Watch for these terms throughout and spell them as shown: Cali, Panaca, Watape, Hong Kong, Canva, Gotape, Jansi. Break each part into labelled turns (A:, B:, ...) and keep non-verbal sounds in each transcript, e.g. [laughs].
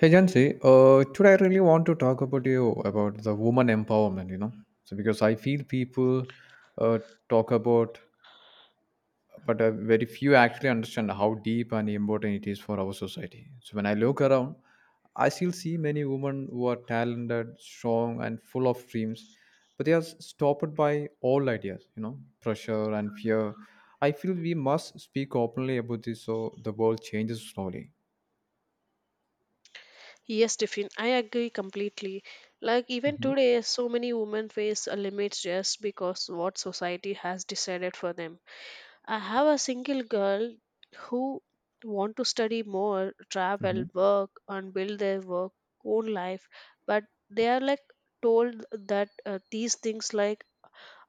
A: Hey Jansi, today I really want to talk about you about the woman empowerment. So because I feel people uh, talk about, but very few actually understand how deep and important it is for our society. So when I look around, I still see many women who are talented, strong, and full of dreams, but they are stopped by all ideas. Pressure and fear. I feel we must speak openly about this so the world changes slowly.
B: Yes, Tiffin, I agree completely. Like even today, so many women face a limits just because what society has decided for them. I have a single girl who want to study more, travel,
A: Mhm.
B: work, and build their work own life, but they are like told that these things like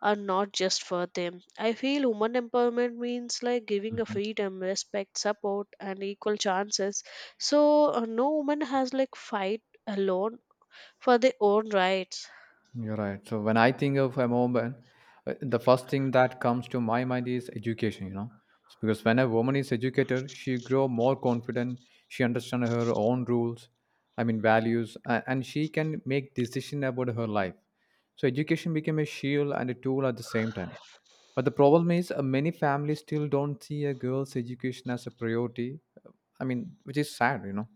B: are not just for them. I feel women empowerment means like giving a freedom, respect, support, and equal chances. So no woman has like fight alone for their own rights.
A: You're right. So when I think of a woman, the first thing that comes to my mind is education. It's because when a woman is educated, she grow more confident, she understand her own rules, I mean values, and she can make decision about her life. So education became a shield and a tool at the same time. But the problem is many families still don't see a girl's education as a priority. uh, I mean, which is sad.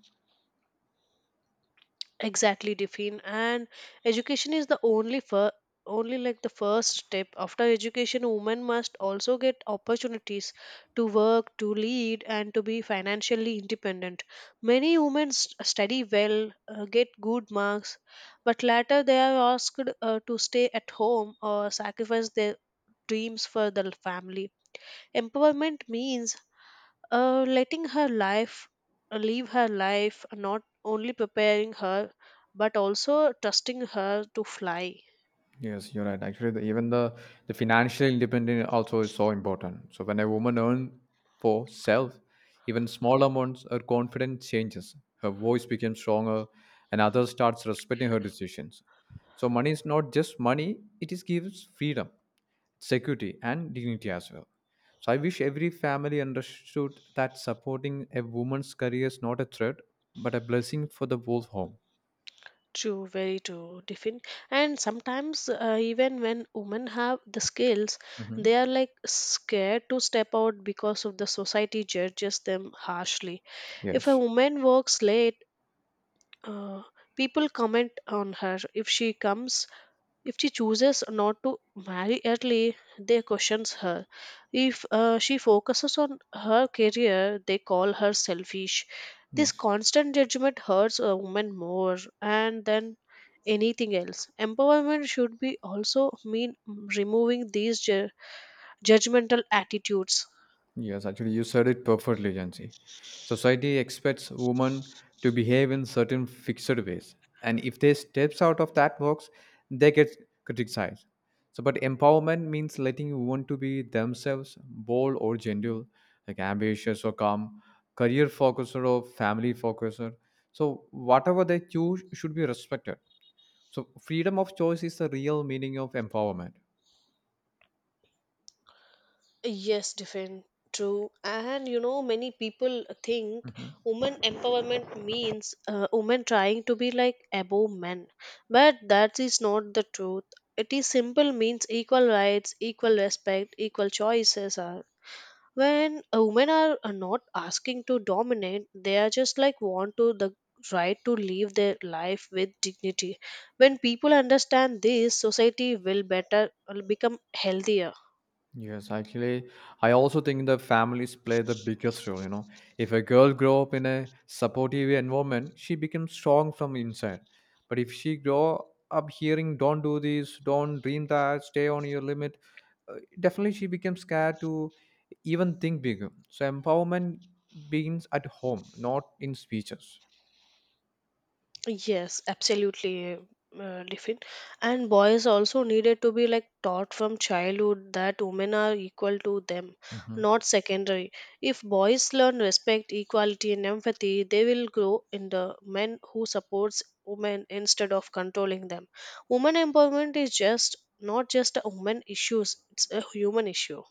B: Exactly, Diffin. And education is the only only like the first step. After education, women must also get opportunities to work, to lead, and to be financially independent. Many women study well, get good marks, but later they are asked to stay at home or sacrifice their dreams for the family. Empowerment means letting her life live her life, not only preparing her but also trusting her to fly.
A: Yes, you're right. Actually, even the financial independence also is so important. So when a woman earns for self, even small amounts, her confidence changes. Her voice becomes stronger, and others starts respecting her decisions. So money is not just money; it is gives freedom, security, and dignity as well. So I wish every family understood that supporting a woman's career is not a threat, but a blessing for the whole home.
B: True, very true, different and sometimes even when women have the skills,
A: Hmm.
B: they are like scared to step out because of the society judges them harshly. If a
A: Yes.
B: woman works late, uh, people comment on her. If she chooses not to marry early, they questions her. If she focuses on her career, they call her selfish. This
A: Yes.
B: constant judgment hurts a woman more and than anything else. Empowerment should be also mean removing these judgmental attitudes.
A: Yes, actually, you said it perfectly, Jansi. Society expects women to behave in certain fixed ways, and if they steps out of that box, they get criticized. So, but empowerment means letting women to be themselves, bold or gentle, like ambitious or calm, career focuser or family focuser. So, whatever they choose should be respected. So, freedom of choice is the real meaning of empowerment.
B: Yes, different. True. And you know, many people think women empowerment means women trying to be like above men. But that is not the truth. It is simple means equal rights, equal respect, equal choices are. When women are not asking to dominate, they are just like want to the right to live their life with dignity. When people understand this, society will better will become healthier.
A: Yes, actually, I also think the families play the biggest role. If a girl grow up in a supportive environment, she becomes strong from inside. But if she grow up hearing "Don't do this," "Don't dream that," "Stay on your limit," definitely she becomes scared to even think bigger. So empowerment begins at home, not in speeches.
B: Yes, absolutely, Diffin. And boys also needed to be like taught from childhood that women are equal to them,
A: Mhm.
B: not secondary. If boys learn respect, equality, and empathy, they will grow in the men who supports women instead of controlling them. Women empowerment is just not just a woman issues; it's a human issue.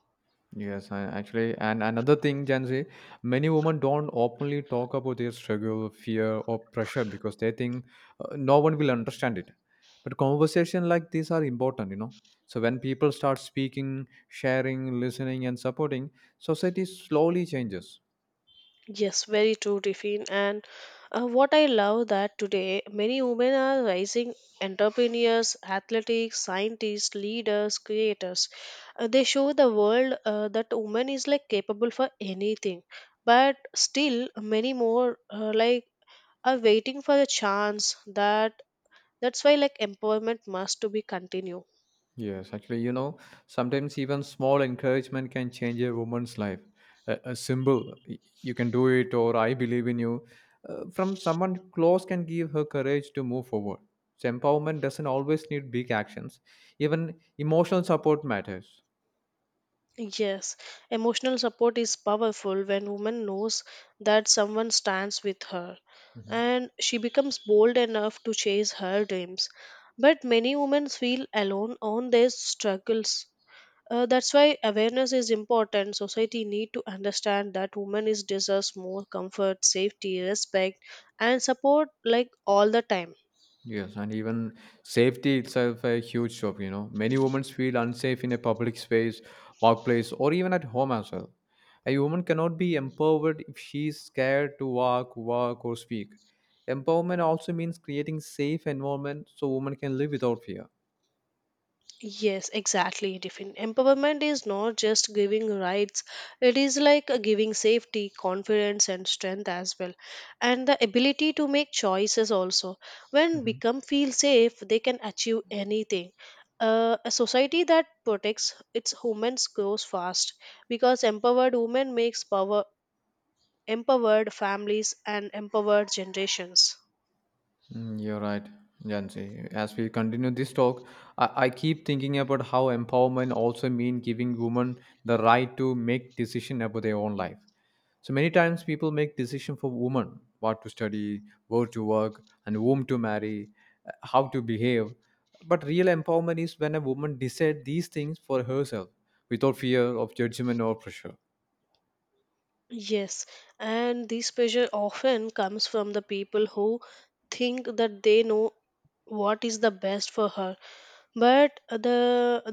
A: Yes, I actually, and another thing, Gen Z, many women don't openly talk about their struggle, fear, or pressure because they think no one will understand it. But conversation like these are important. So when people start speaking, sharing, listening, and supporting, society slowly changes.
B: Yes, very true, Tiffin. And what I love that today many women are rising entrepreneurs, athletics, scientists, leaders, creators. They show the world that woman is like capable for anything. But still, many more like are waiting for a chance. That's why like empowerment must to be continue.
A: Yes, actually, sometimes even small encouragement can change a woman's life. A symbol, you can do it, or I believe in you, from someone close can give her courage to move forward. So, empowerment doesn't always need big actions, even emotional support matters.
B: Yes, emotional support is powerful when woman knows that someone stands with her, and she becomes bold enough to chase her dreams. But many women feel alone on their struggles. That's why awareness is important. Society need to understand that women is deserves more comfort, safety, respect, and support like all the time.
A: Yes, and even safety itself a huge job. Many women feel unsafe in a public space, workplace, or even at home as well. A woman cannot be empowered if she is scared to walk, work, or speak. Empowerment also means creating safe environment so women can live without fear.
B: Yes, exactly, Tiffin. Empowerment is not just giving rights, it is like giving safety, confidence, and strength as well, and the ability to make choices also. When
A: Mm-hmm.
B: become feel safe, they can achieve anything. A society that protects its women grows fast because empowered women makes power empowered families and empowered generations.
A: You're right, Jansi. As we continue this talk, I keep thinking about how empowerment also means giving women the right to make decision about their own life. So many times people make decision for women, what to study, where to work, and whom to marry, how to behave. But real empowerment is when a woman decides these things for herself without fear of judgment or pressure.
B: Yes, and this pressure often comes from the people who think that they know what is the best for her, but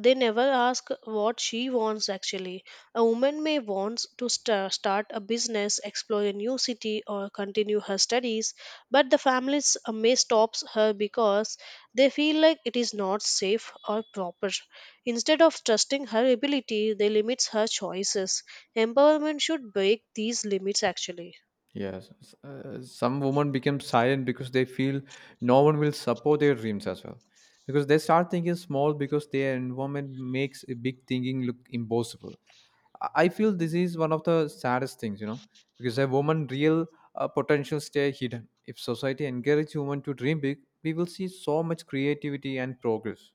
B: they never ask what she wants actually. A woman may wants to start a business, explore a new city, or continue her studies, but the families may stop her because they feel like it is not safe or proper. Instead of trusting her ability, they limits her choices. Empowerment should break these limits actually.
A: Yes, some women become silent because they feel no one will support their dreams as well. Because they start thinking small because their environment makes a big thinking look impossible. I feel this is one of the saddest things, because a woman' real potential stay hidden. If society encourages women to dream big, we will see so much creativity and progress.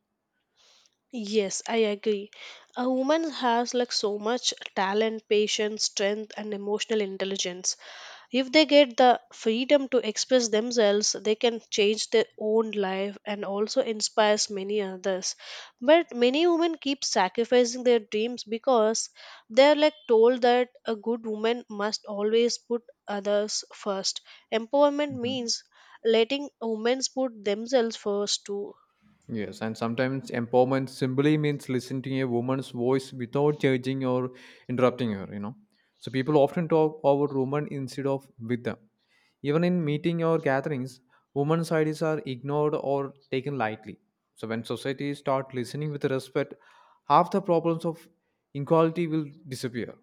B: Yes, I agree. A woman has like so much talent, patience, strength, and emotional intelligence. If they get the freedom to express themselves, they can change their own life and also inspires many others. But many women keep sacrificing their dreams because they're like told that a good woman must always put others first. Empowerment
A: Mhm.
B: means letting women put themselves first too.
A: Yes, and sometimes empowerment simply means listening to a woman's voice without judging or interrupting her. So people often talk over women instead of with them. Even in meeting or gatherings, women's ideas are ignored or taken lightly. So when societies start listening with respect, half the problems of inequality will disappear.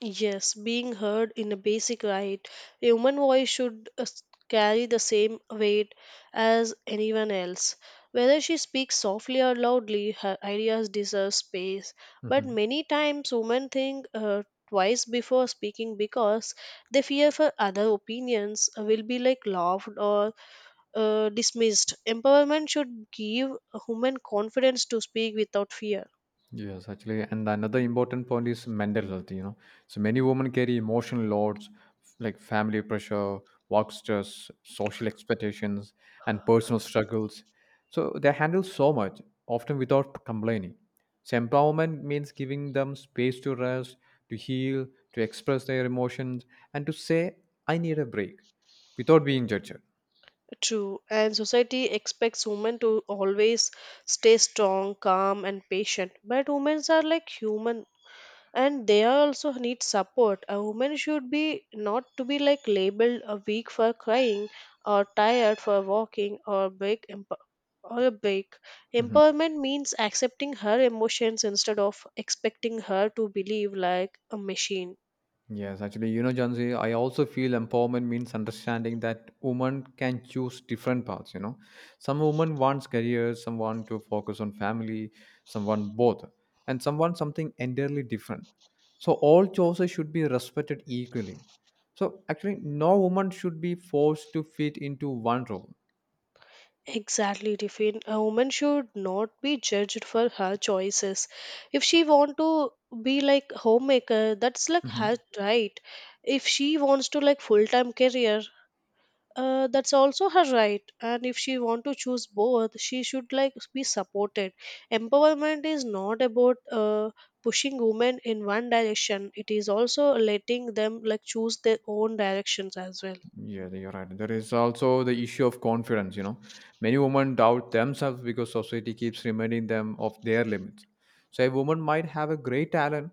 B: Yes, being heard in a basic right, a human voice should carry the same weight as anyone else. Whether she speaks softly or loudly, her ideas deserve space. But
A: Mhm.
B: many times, women think twice before speaking because they fear for other opinions will be like laughed or dismissed. Empowerment should give a woman confidence to speak without fear.
A: Yes, actually, and another important point is mental health. So many women carry emotional loads like family pressure, work stress, social expectations, and personal struggles. So they handle so much, often without complaining. So empowerment means giving them space to rest, to heal, to express their emotions, and to say, "I need a break," without being judged.
B: True, and society expects women to always stay strong, calm, and patient. But women are like human, and they are also need support. A woman should be not to be like labeled a weak for crying, or tired for walking, or or a break.
A: Mm-hmm.
B: Empowerment means accepting her emotions instead of expecting her to believe like a machine.
A: Yes, actually, Jansi, I also feel empowerment means understanding that women can choose different paths. Some women wants careers, someone to focus on family, someone both, and someone something entirely different. So all choices should be respected equally. So actually, no woman should be forced to fit into one role.
B: Exactly, Tiffin. A woman should not be judged for her choices. If she want to be like homemaker, that's like her right. If she wants to like full time career, that's also her right. And if she want to choose both, she should like be supported. Empowerment is not about pushing women in one direction. It is also letting them like choose their own directions as well.
A: Yeah, you're right. There is also the issue of confidence. Many women doubt themselves because society keeps reminding them of their limits. So a woman might have a great talent,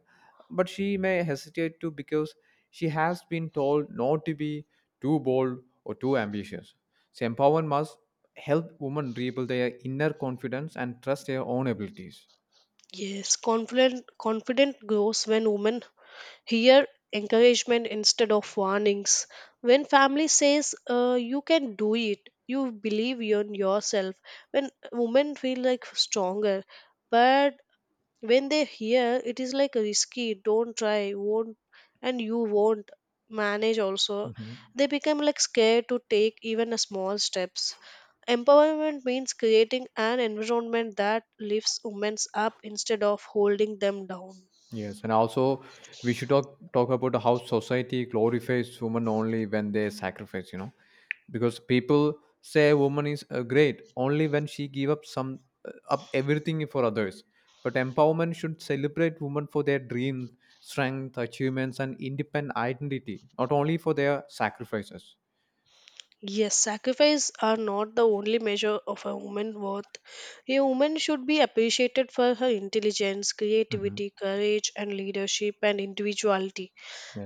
A: but she may hesitate to because she has been told not to be too bold or too ambitious. So empowerment must help women rebuild their inner confidence and trust their own abilities.
B: Yes, confident grows when women here, encouragement instead of warnings. When family says, you can do it, you believe in yourself. When women feel like stronger, but when they hear it is like risky, don't try, won't, and you won't manage also, they become like scared to take even a small steps. Empowerment means creating an environment that lifts women up instead of holding them down.
A: Yes, and also we should talk about how society glorifies women only when they sacrifice, because people say a woman is great only when she give up some up everything for others. But empowerment should celebrate women for their dream, strength, achievements, and independent identity, not only for their sacrifices.
B: Yes, sacrifice are not the only measure of a woman's worth. A woman should be appreciated for her intelligence,
A: Hmm.
B: creativity, courage, and leadership and individuality.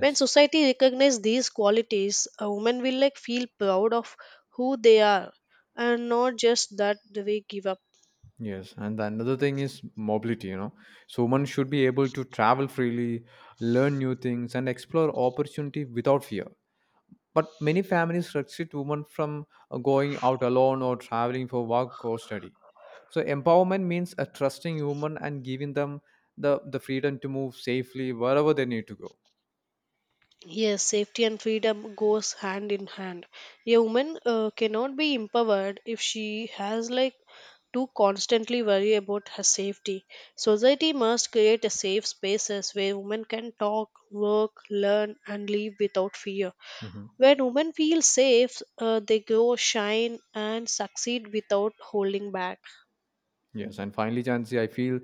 B: When society recognizes these qualities, a woman will like feel proud of who they are and not just that they give up.
A: Yes, and the another thing is mobility. So one should be able to travel freely, learn new things, and explore opportunity without fear. But many families restrict women from going out alone or traveling for work or study. So empowerment means a trusting woman and giving them the freedom to move safely wherever they need to go.
B: Yes, safety and freedom goes hand in hand. A woman cannot be empowered if she has like to constantly worry about her safety. Society must create a safe spaces where women can talk, work, learn, and live without fear.
A: Mhm.
B: When women feel safe, they grow, shine, and succeed without holding back.
A: Yes, and finally, Jansi, I feel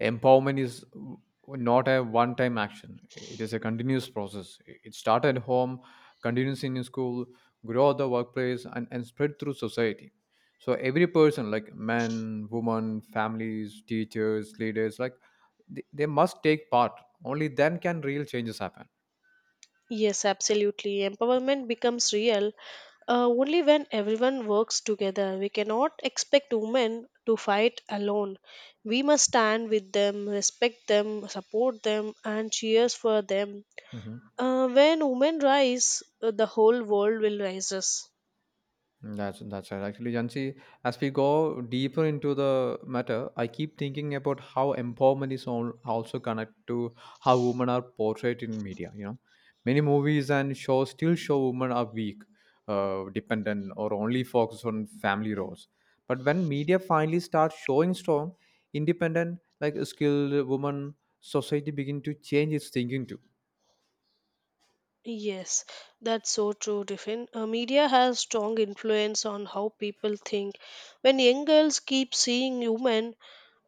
A: empowerment is not a one time action. It is a continuous process. It starts at home, continues in school, grow at the workplace, and spread through society. So every person, like men, women, families, teachers, leaders, like they must take part. Only then can real changes happen.
B: Yes, absolutely. Empowerment becomes real only when everyone works together. We cannot expect women to fight alone. We must stand with them, respect them, support them, and cheers for them.
A: Mm-hmm.
B: When women rise, the whole world will rises.
A: That's right. Actually, Jansi, as we go deeper into the matter, I keep thinking about how empowerment is also connected to how women are portrayed in media. Many movies and shows still show women are weak, dependent, or only focus on family roles. But when media finally starts showing strong, independent, like skilled women, society begin to change its thinking too.
B: Yes, that's so true, Tiffin. Media has strong influence on how people think. When young girls keep seeing women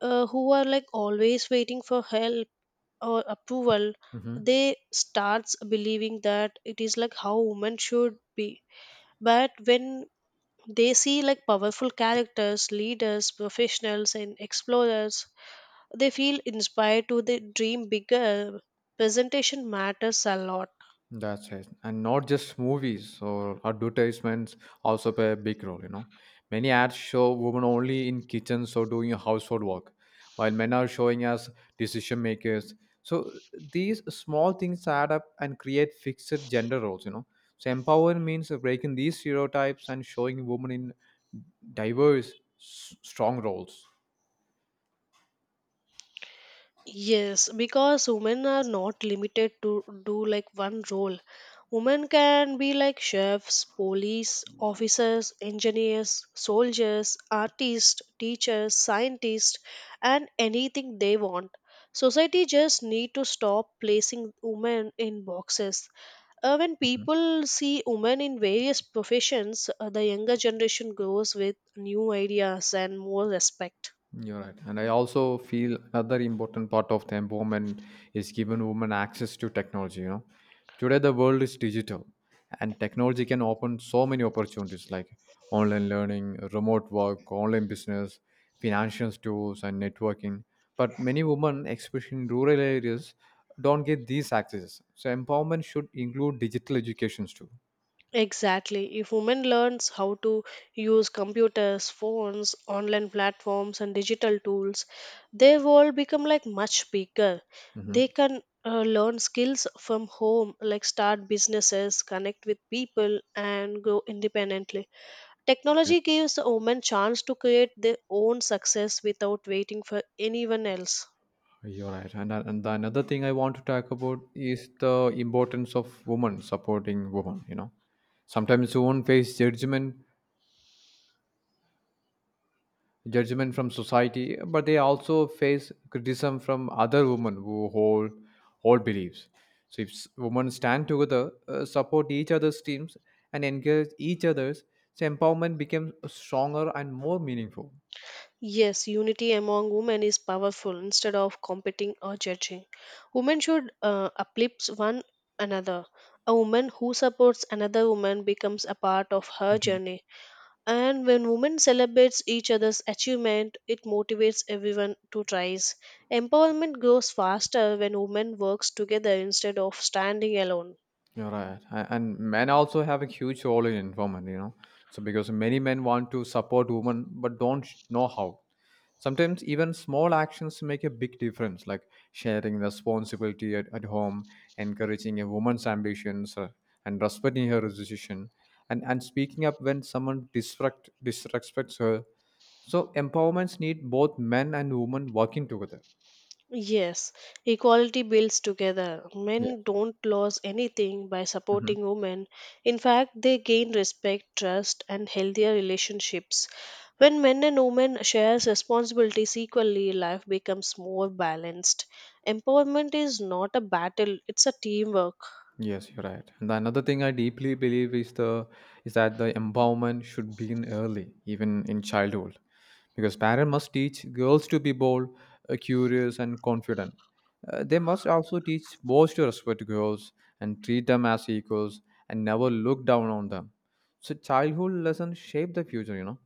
B: who are like always waiting for help or approval,
A: Mm-hmm.
B: they starts believing that it is like how women should be. But when they see like powerful characters, leaders, professionals, and explorers, they feel inspired to they dream bigger. Presentation matters a lot.
A: That's it. And not just movies or advertisements also play a big role. Many ads show women only in kitchens or doing household work, while men are showing as decision makers. So these small things add up and create fixed gender roles. So empowerment means breaking these stereotypes and showing women in diverse, strong roles.
B: Yes, because women are not limited to do like one role. Women can be like chefs, police officers, engineers, soldiers, artists, teachers, scientists, and anything they want. Society just need to stop placing women in boxes. When
A: Hmm.
B: people see women in various professions, the younger generation grows with new ideas and more respect.
A: You're right. And I also feel another important part of the empowerment is giving women access to technology. Today the world is digital, and technology can open so many opportunities like online learning, remote work, online business, financial tools, and networking. But many women, especially in rural areas, don't get these access. So empowerment should include digital educations too.
B: Exactly. If women learns how to use computers, phones, online platforms and digital tools, their world become like much bigger. They
A: Hmm.
B: can learn skills from home like start businesses, connect with people and grow independently.
A: Yes.
B: Technology gives women chance to create their own success without waiting for anyone else.
A: You're right. And the another thing I want to talk about is the importance of women supporting women. Sometimes women face judgment from society, but they also face criticism from other women who hold beliefs. So if women stand together, support each other's teams and engage each other's, so empowerment becomes stronger and more meaningful.
B: Yes, unity among women is powerful instead of competing or judging. Women should uplift one another. A woman who supports another woman becomes a part of her
A: [laughs]
B: journey. And when women celebrates each other's achievement, it motivates everyone to rise. Empowerment grows faster when women works together instead of standing alone.
A: You're right. And men also have a huge role in environment. So because many men want to support women but don't know how. Sometimes even small actions make a big difference, like sharing responsibility at home, encouraging a woman's ambitions, and respecting her decision, and speaking up when someone disrespects her. So empowerments need both men and women working together.
B: Yes, equality builds together.
A: Yeah.
B: Men don't lose anything by
A: Mhm.
B: supporting women. In fact, they gain respect, trust, and healthier relationships. When men and women share responsibilities equally, life becomes more balanced. Empowerment is not a battle, it's a teamwork.
A: Yes, you're right. And another thing I deeply believe is that the empowerment should begin early, even in childhood, because parents must teach girls to be bold, curious, and confident. They must also teach boys to respect girls and treat them as equals and never look down on them. So childhood lessons shape the future.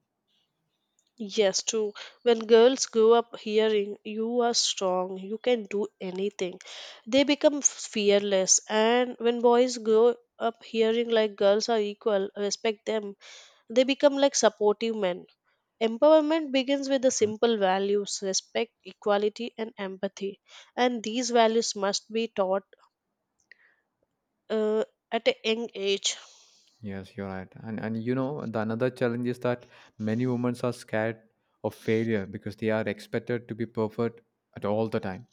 B: Yes, true. When girls grow up hearing you are strong, you can do anything, they become fearless. And when boys grow up hearing like girls are equal, respect them, they become like supportive men. Empowerment begins with the
A: Mhm.
B: simple values respect, equality, and empathy. And these values must be taught uh, at a young age.
A: Yes, you're right. And the another challenge is that many women are scared of failure because they are expected to be perfect at all the time.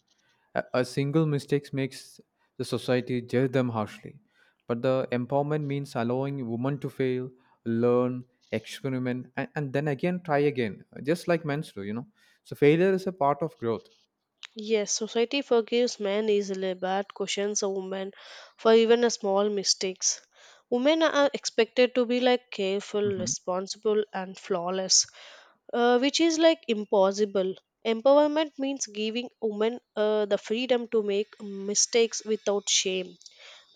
A: A single mistake makes the society judge them harshly. But the empowerment means allowing women to fail, learn, experiment, and then again try again, just like men do, So failure is a part of growth.
B: Yes, society forgives men easily but questions a woman for even a small mistakes. Women are expected to be like careful,
A: Mhm.
B: responsible, and flawless, which is like impossible. Empowerment means giving women the freedom to make mistakes without shame.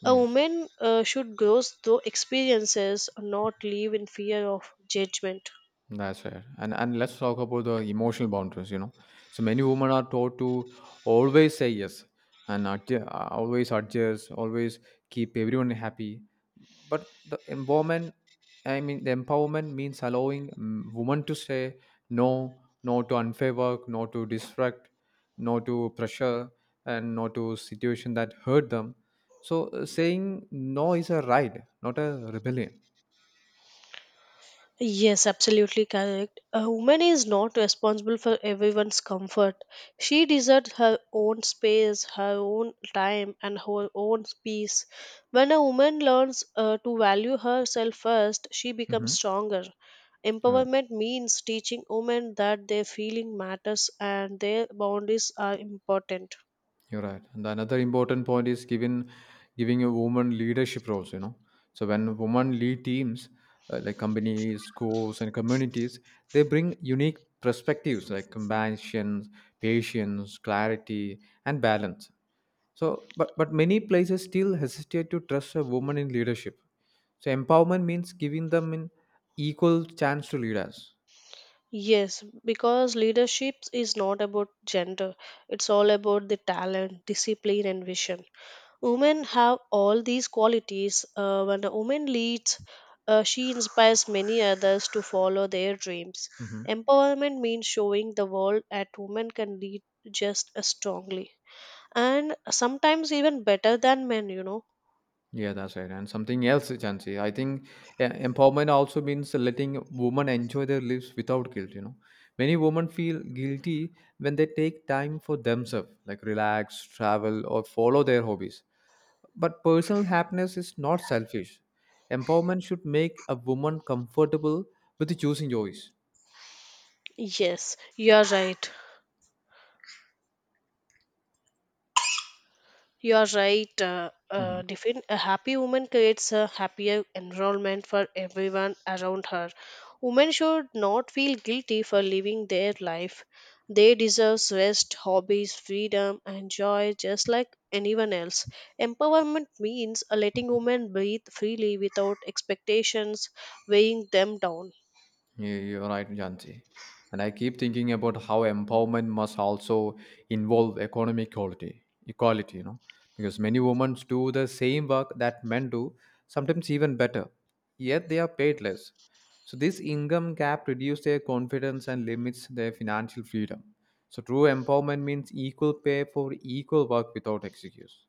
B: A
A: Yes.
B: woman should grow through experiences, not live in fear of judgment.
A: That's right. And let's talk about the emotional boundaries, So many women are taught to always say yes and always adjust, always keep everyone happy. But the empowerment, I mean, the empowerment means allowing women to say no, no to unfair work, no to distract, no to pressure, and no to situation that hurt them. So saying no is a right, not a rebellion.
B: Yes, absolutely correct. A woman is not responsible for everyone's comfort. She deserves her own space, her own time, and her own peace. When a woman learns to value herself first, she becomes
A: Mm-hmm.
B: stronger.
A: Right.
B: Empowerment means teaching women that their feeling matters and their boundaries are important.
A: You're right. And the another important point is given giving a woman leadership roles, So when women lead teams, like companies, schools, and communities, they bring unique perspectives like compassion, patience, clarity, and balance. So, but many places still hesitate to trust a woman in leadership. So empowerment means giving them an equal chance to lead us.
B: Yes, because leadership is not about gender, it's all about the talent, discipline, and vision. Women have all these qualities. When a woman leads, she inspires many others to follow their dreams.
A: Mhm.
B: Empowerment means showing the world that women can lead just as strongly and sometimes even better than men.
A: Yeah, that's right. And something else, Jansi, I think empowerment also means letting women enjoy their lives without guilt. Many women feel guilty when they take time for themselves, like relax, travel, or follow their hobbies. But personal happiness is not selfish. Empowerment should make a woman comfortable with choosing joys.
B: Yes, you are right. You are right.
A: Mhm.
B: A happy woman creates a happier environment for everyone around her. Women should not feel guilty for living their life. They deserve rest, hobbies, freedom, and joy just like anyone else. Empowerment means letting women breathe freely without expectations weighing them down.
A: Yeah, you're right, Jansi. And I keep thinking about how empowerment must also involve economic equality, equality, because many women do the same work that men do, sometimes even better, yet they are paid less. So this income gap reduces their confidence and limits their financial freedom. So true empowerment means equal pay for equal work without excuse.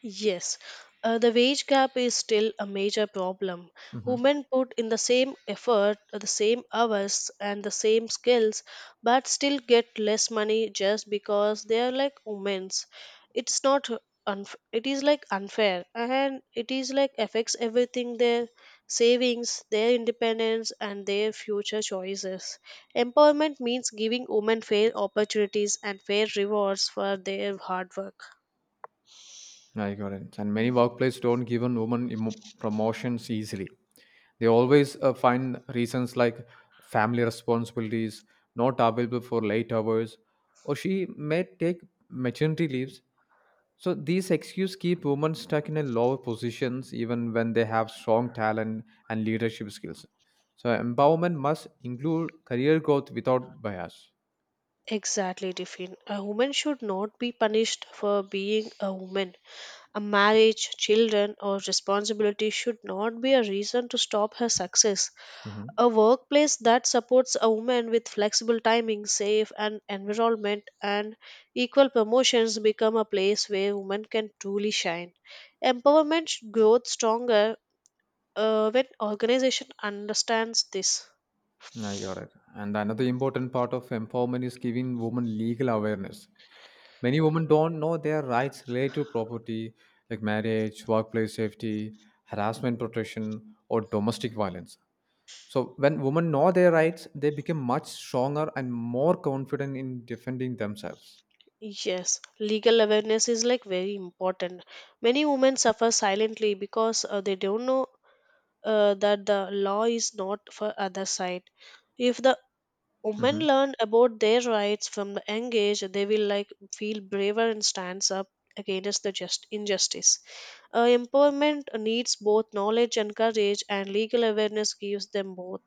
B: Yes, the wage gap is still a major problem.
A: Mhm.
B: Women put in the same effort, the same hours, and the same skills, but still get less money just because they are like women's. It's not unf- it is like unfair, and it is like affects everything their savings, their independence, and their future choices. Empowerment means giving women fair opportunities and fair rewards for their hard work.
A: I got it. And many workplaces don't give women promotions easily. They always find reasons like family responsibilities, not available for late hours, or she may take maternity leaves. So these excuses keep women stuck in a lower positions even when they have strong talent and leadership skills. So empowerment must include career growth without bias.
B: Exactly, Tiffin. A woman should not be punished for being a woman. A marriage, children, or responsibility should not be a reason to stop her success.
A: Mhm.
B: A workplace that supports a woman with flexible timing, safe and environment, and equal promotions become a place where women can truly shine. Empowerment grows stronger when organization understands this.
A: I got it. And another important part of empowerment is giving women legal awareness. Many women don't know their rights related to property, like marriage, workplace safety, harassment protection, or domestic violence. So, when women know their rights, they become much stronger and more confident in defending themselves.
B: Yes, legal awareness is like very important. Many women suffer silently because they don't know that the law is not for other side. If the women
A: Mhm.
B: learn about their rights from the young age, they will like feel braver and stands up against the just injustice. Empowerment needs both knowledge and courage, and legal awareness gives them both.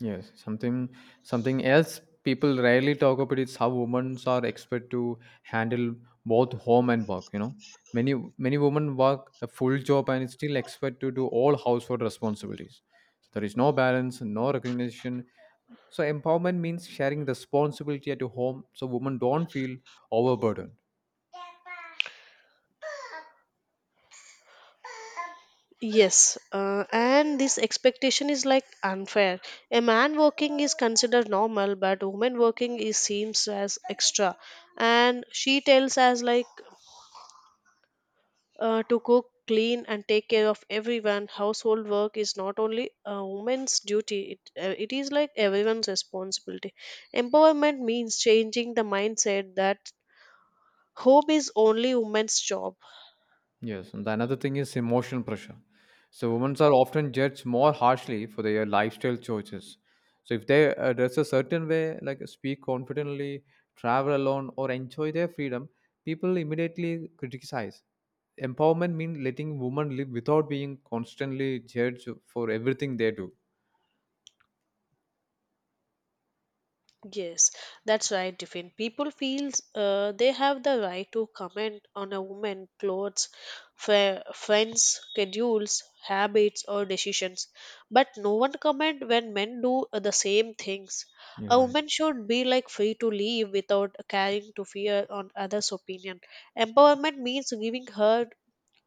A: Yes, something else people rarely talk about is how women are expected to handle both home and work. Many women work a full job and still expect to do all household responsibilities. So there is no balance, no recognition. So empowerment means sharing responsibility at home, so women don't feel overburdened.
B: Yes, and this expectation is like unfair. A man working is considered normal, but woman working is seems as extra. And she tells us like to cook, clean, and take care of everyone. Household work is not only a woman's duty; it is like everyone's responsibility. Empowerment means changing the mindset that home is only woman's job.
A: Yes, and the another thing is emotional pressure. So women are often judged more harshly for their lifestyle choices. So if they dress a certain way, like speak confidently, travel alone, or enjoy their freedom, people immediately criticize. Empowerment means letting women live without being constantly judged for everything they do.
B: Yes, that's right, Tiffin. People feel they have the right to comment on a woman's clothes, friends, schedules, habits, or decisions. But no one comment when men do the same things.
A: You're
B: A
A: right.
B: woman should be like free to leave without caring to fear on others' opinion. Empowerment means giving her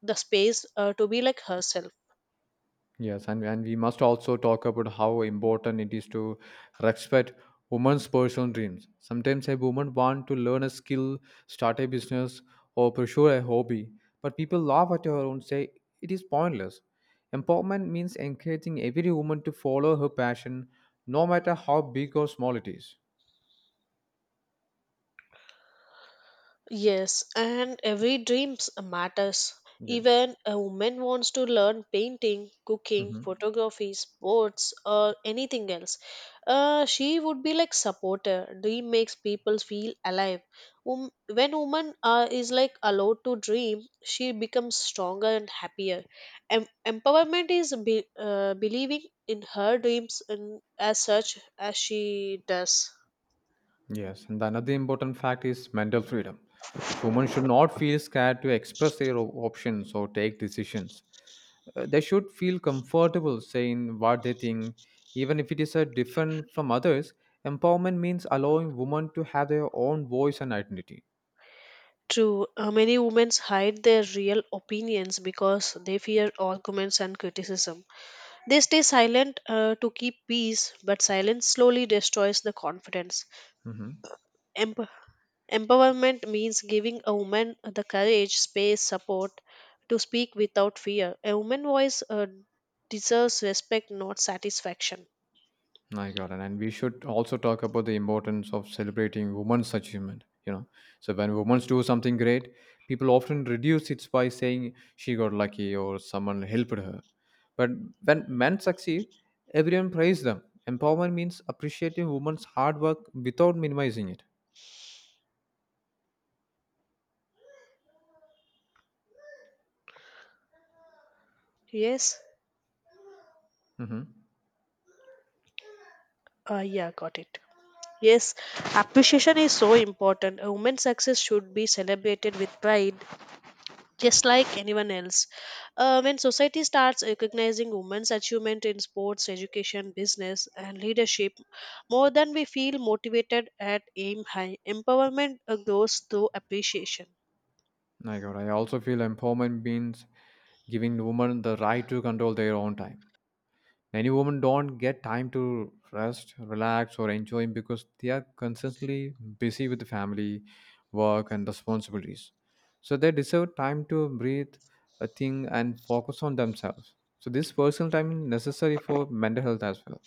B: the space to be like herself.
A: Yes, and we must also talk about how important it is to respect women's personal dreams. Sometimes a woman wants to learn a skill, start a business, or pursue a hobby, but people laugh at her and say it is pointless. Empowerment means encouraging every woman to follow her passion, no matter how big or small it is.
B: Yes, and every dreams matters.
A: Yes.
B: Even a woman wants to learn painting, cooking,
A: Hmm.
B: photography, sports, or anything else. She would be like supporter. Dream makes people feel alive. When woman is like allowed to dream, she becomes stronger and happier. Empowerment is believing in her dreams and as such as she does.
A: Yes, and another important fact is mental freedom. So women should not feel scared to express their options or take decisions. They should feel comfortable saying what they think, even if it is different from others. Empowerment means allowing women to have their own voice and identity.
B: True, many women hide their real opinions because they fear arguments and criticism. They stay silent to keep peace, but silence slowly destroys the confidence.
A: Hmm.
B: Emp- Empowerment means giving a woman the courage, space, support to speak without fear. A woman's voice deserves respect, not satisfaction.
A: My God, and we should also talk about the importance of celebrating women's achievement. So when women do something great, people often reduce it by saying she got lucky or someone helped her. But when men succeed, everyone praises them. Empowerment means appreciating women's hard work without minimizing it.
B: Yes?
A: Mhm.
B: Yeah, got it. Yes, appreciation is so important. A woman's success should be celebrated with pride just like anyone else. When society starts recognizing women's achievement in sports, education, business, and leadership, more than we feel motivated at aim high, empowerment grows through appreciation.
A: I got. I also feel empowerment means giving women the right to control their own time. Many women don't get time to rest, relax, or enjoy because they are constantly busy with family, work, and responsibilities. So they deserve time to breathe, a thing, and focus on themselves. So this personal time is necessary for mental health as well.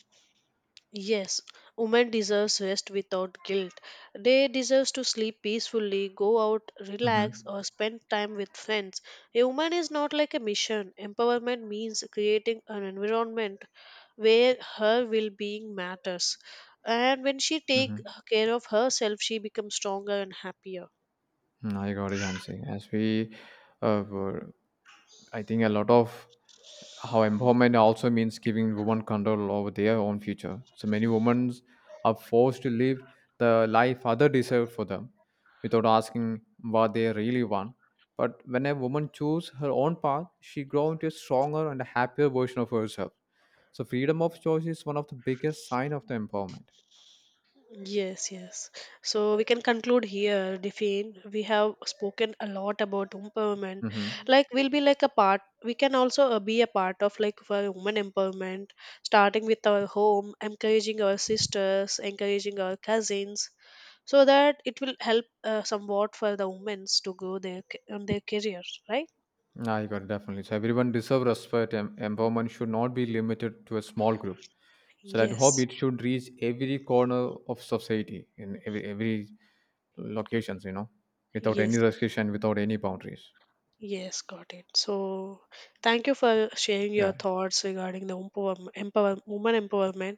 B: Yes, women deserves rest without guilt. They deserves to sleep peacefully, go out,
A: Mm-hmm.
B: relax, or spend time with friends. A woman is not like a mission. Empowerment means creating an environment where her well-being matters. And when she take
A: Mm-hmm.
B: care of herself, she becomes stronger and happier.
A: Mm, I got it, Jansi. As we were I think a lot of how empowerment also means giving women control over their own future. So many women are forced to live the life other deserve for them without asking what they really want. But when a woman chooses her own path, she grows into a stronger and a happier version of herself. So freedom of choice is one of the biggest sign of the empowerment.
B: Yes, yes. So we can conclude here, Define. We have spoken a lot about empowerment.
A: Mm-hmm.
B: Like we'll be like a part. We can also be a part of like for women empowerment, starting with our home, encouraging our sisters, encouraging our cousins, so that it will help somewhat for the women to grow their on their career, right?
A: I got it, definitely. So everyone deserve respect. Empowerment should not be limited to a small group. So that hope
B: Yes,
A: it should reach every corner of society in every locations, without
B: yes,
A: any
B: yes,
A: restriction, without any boundaries.
B: yes, got it. So, thank you for sharing your
A: Yeah.
B: thoughts regarding the woman empowerment.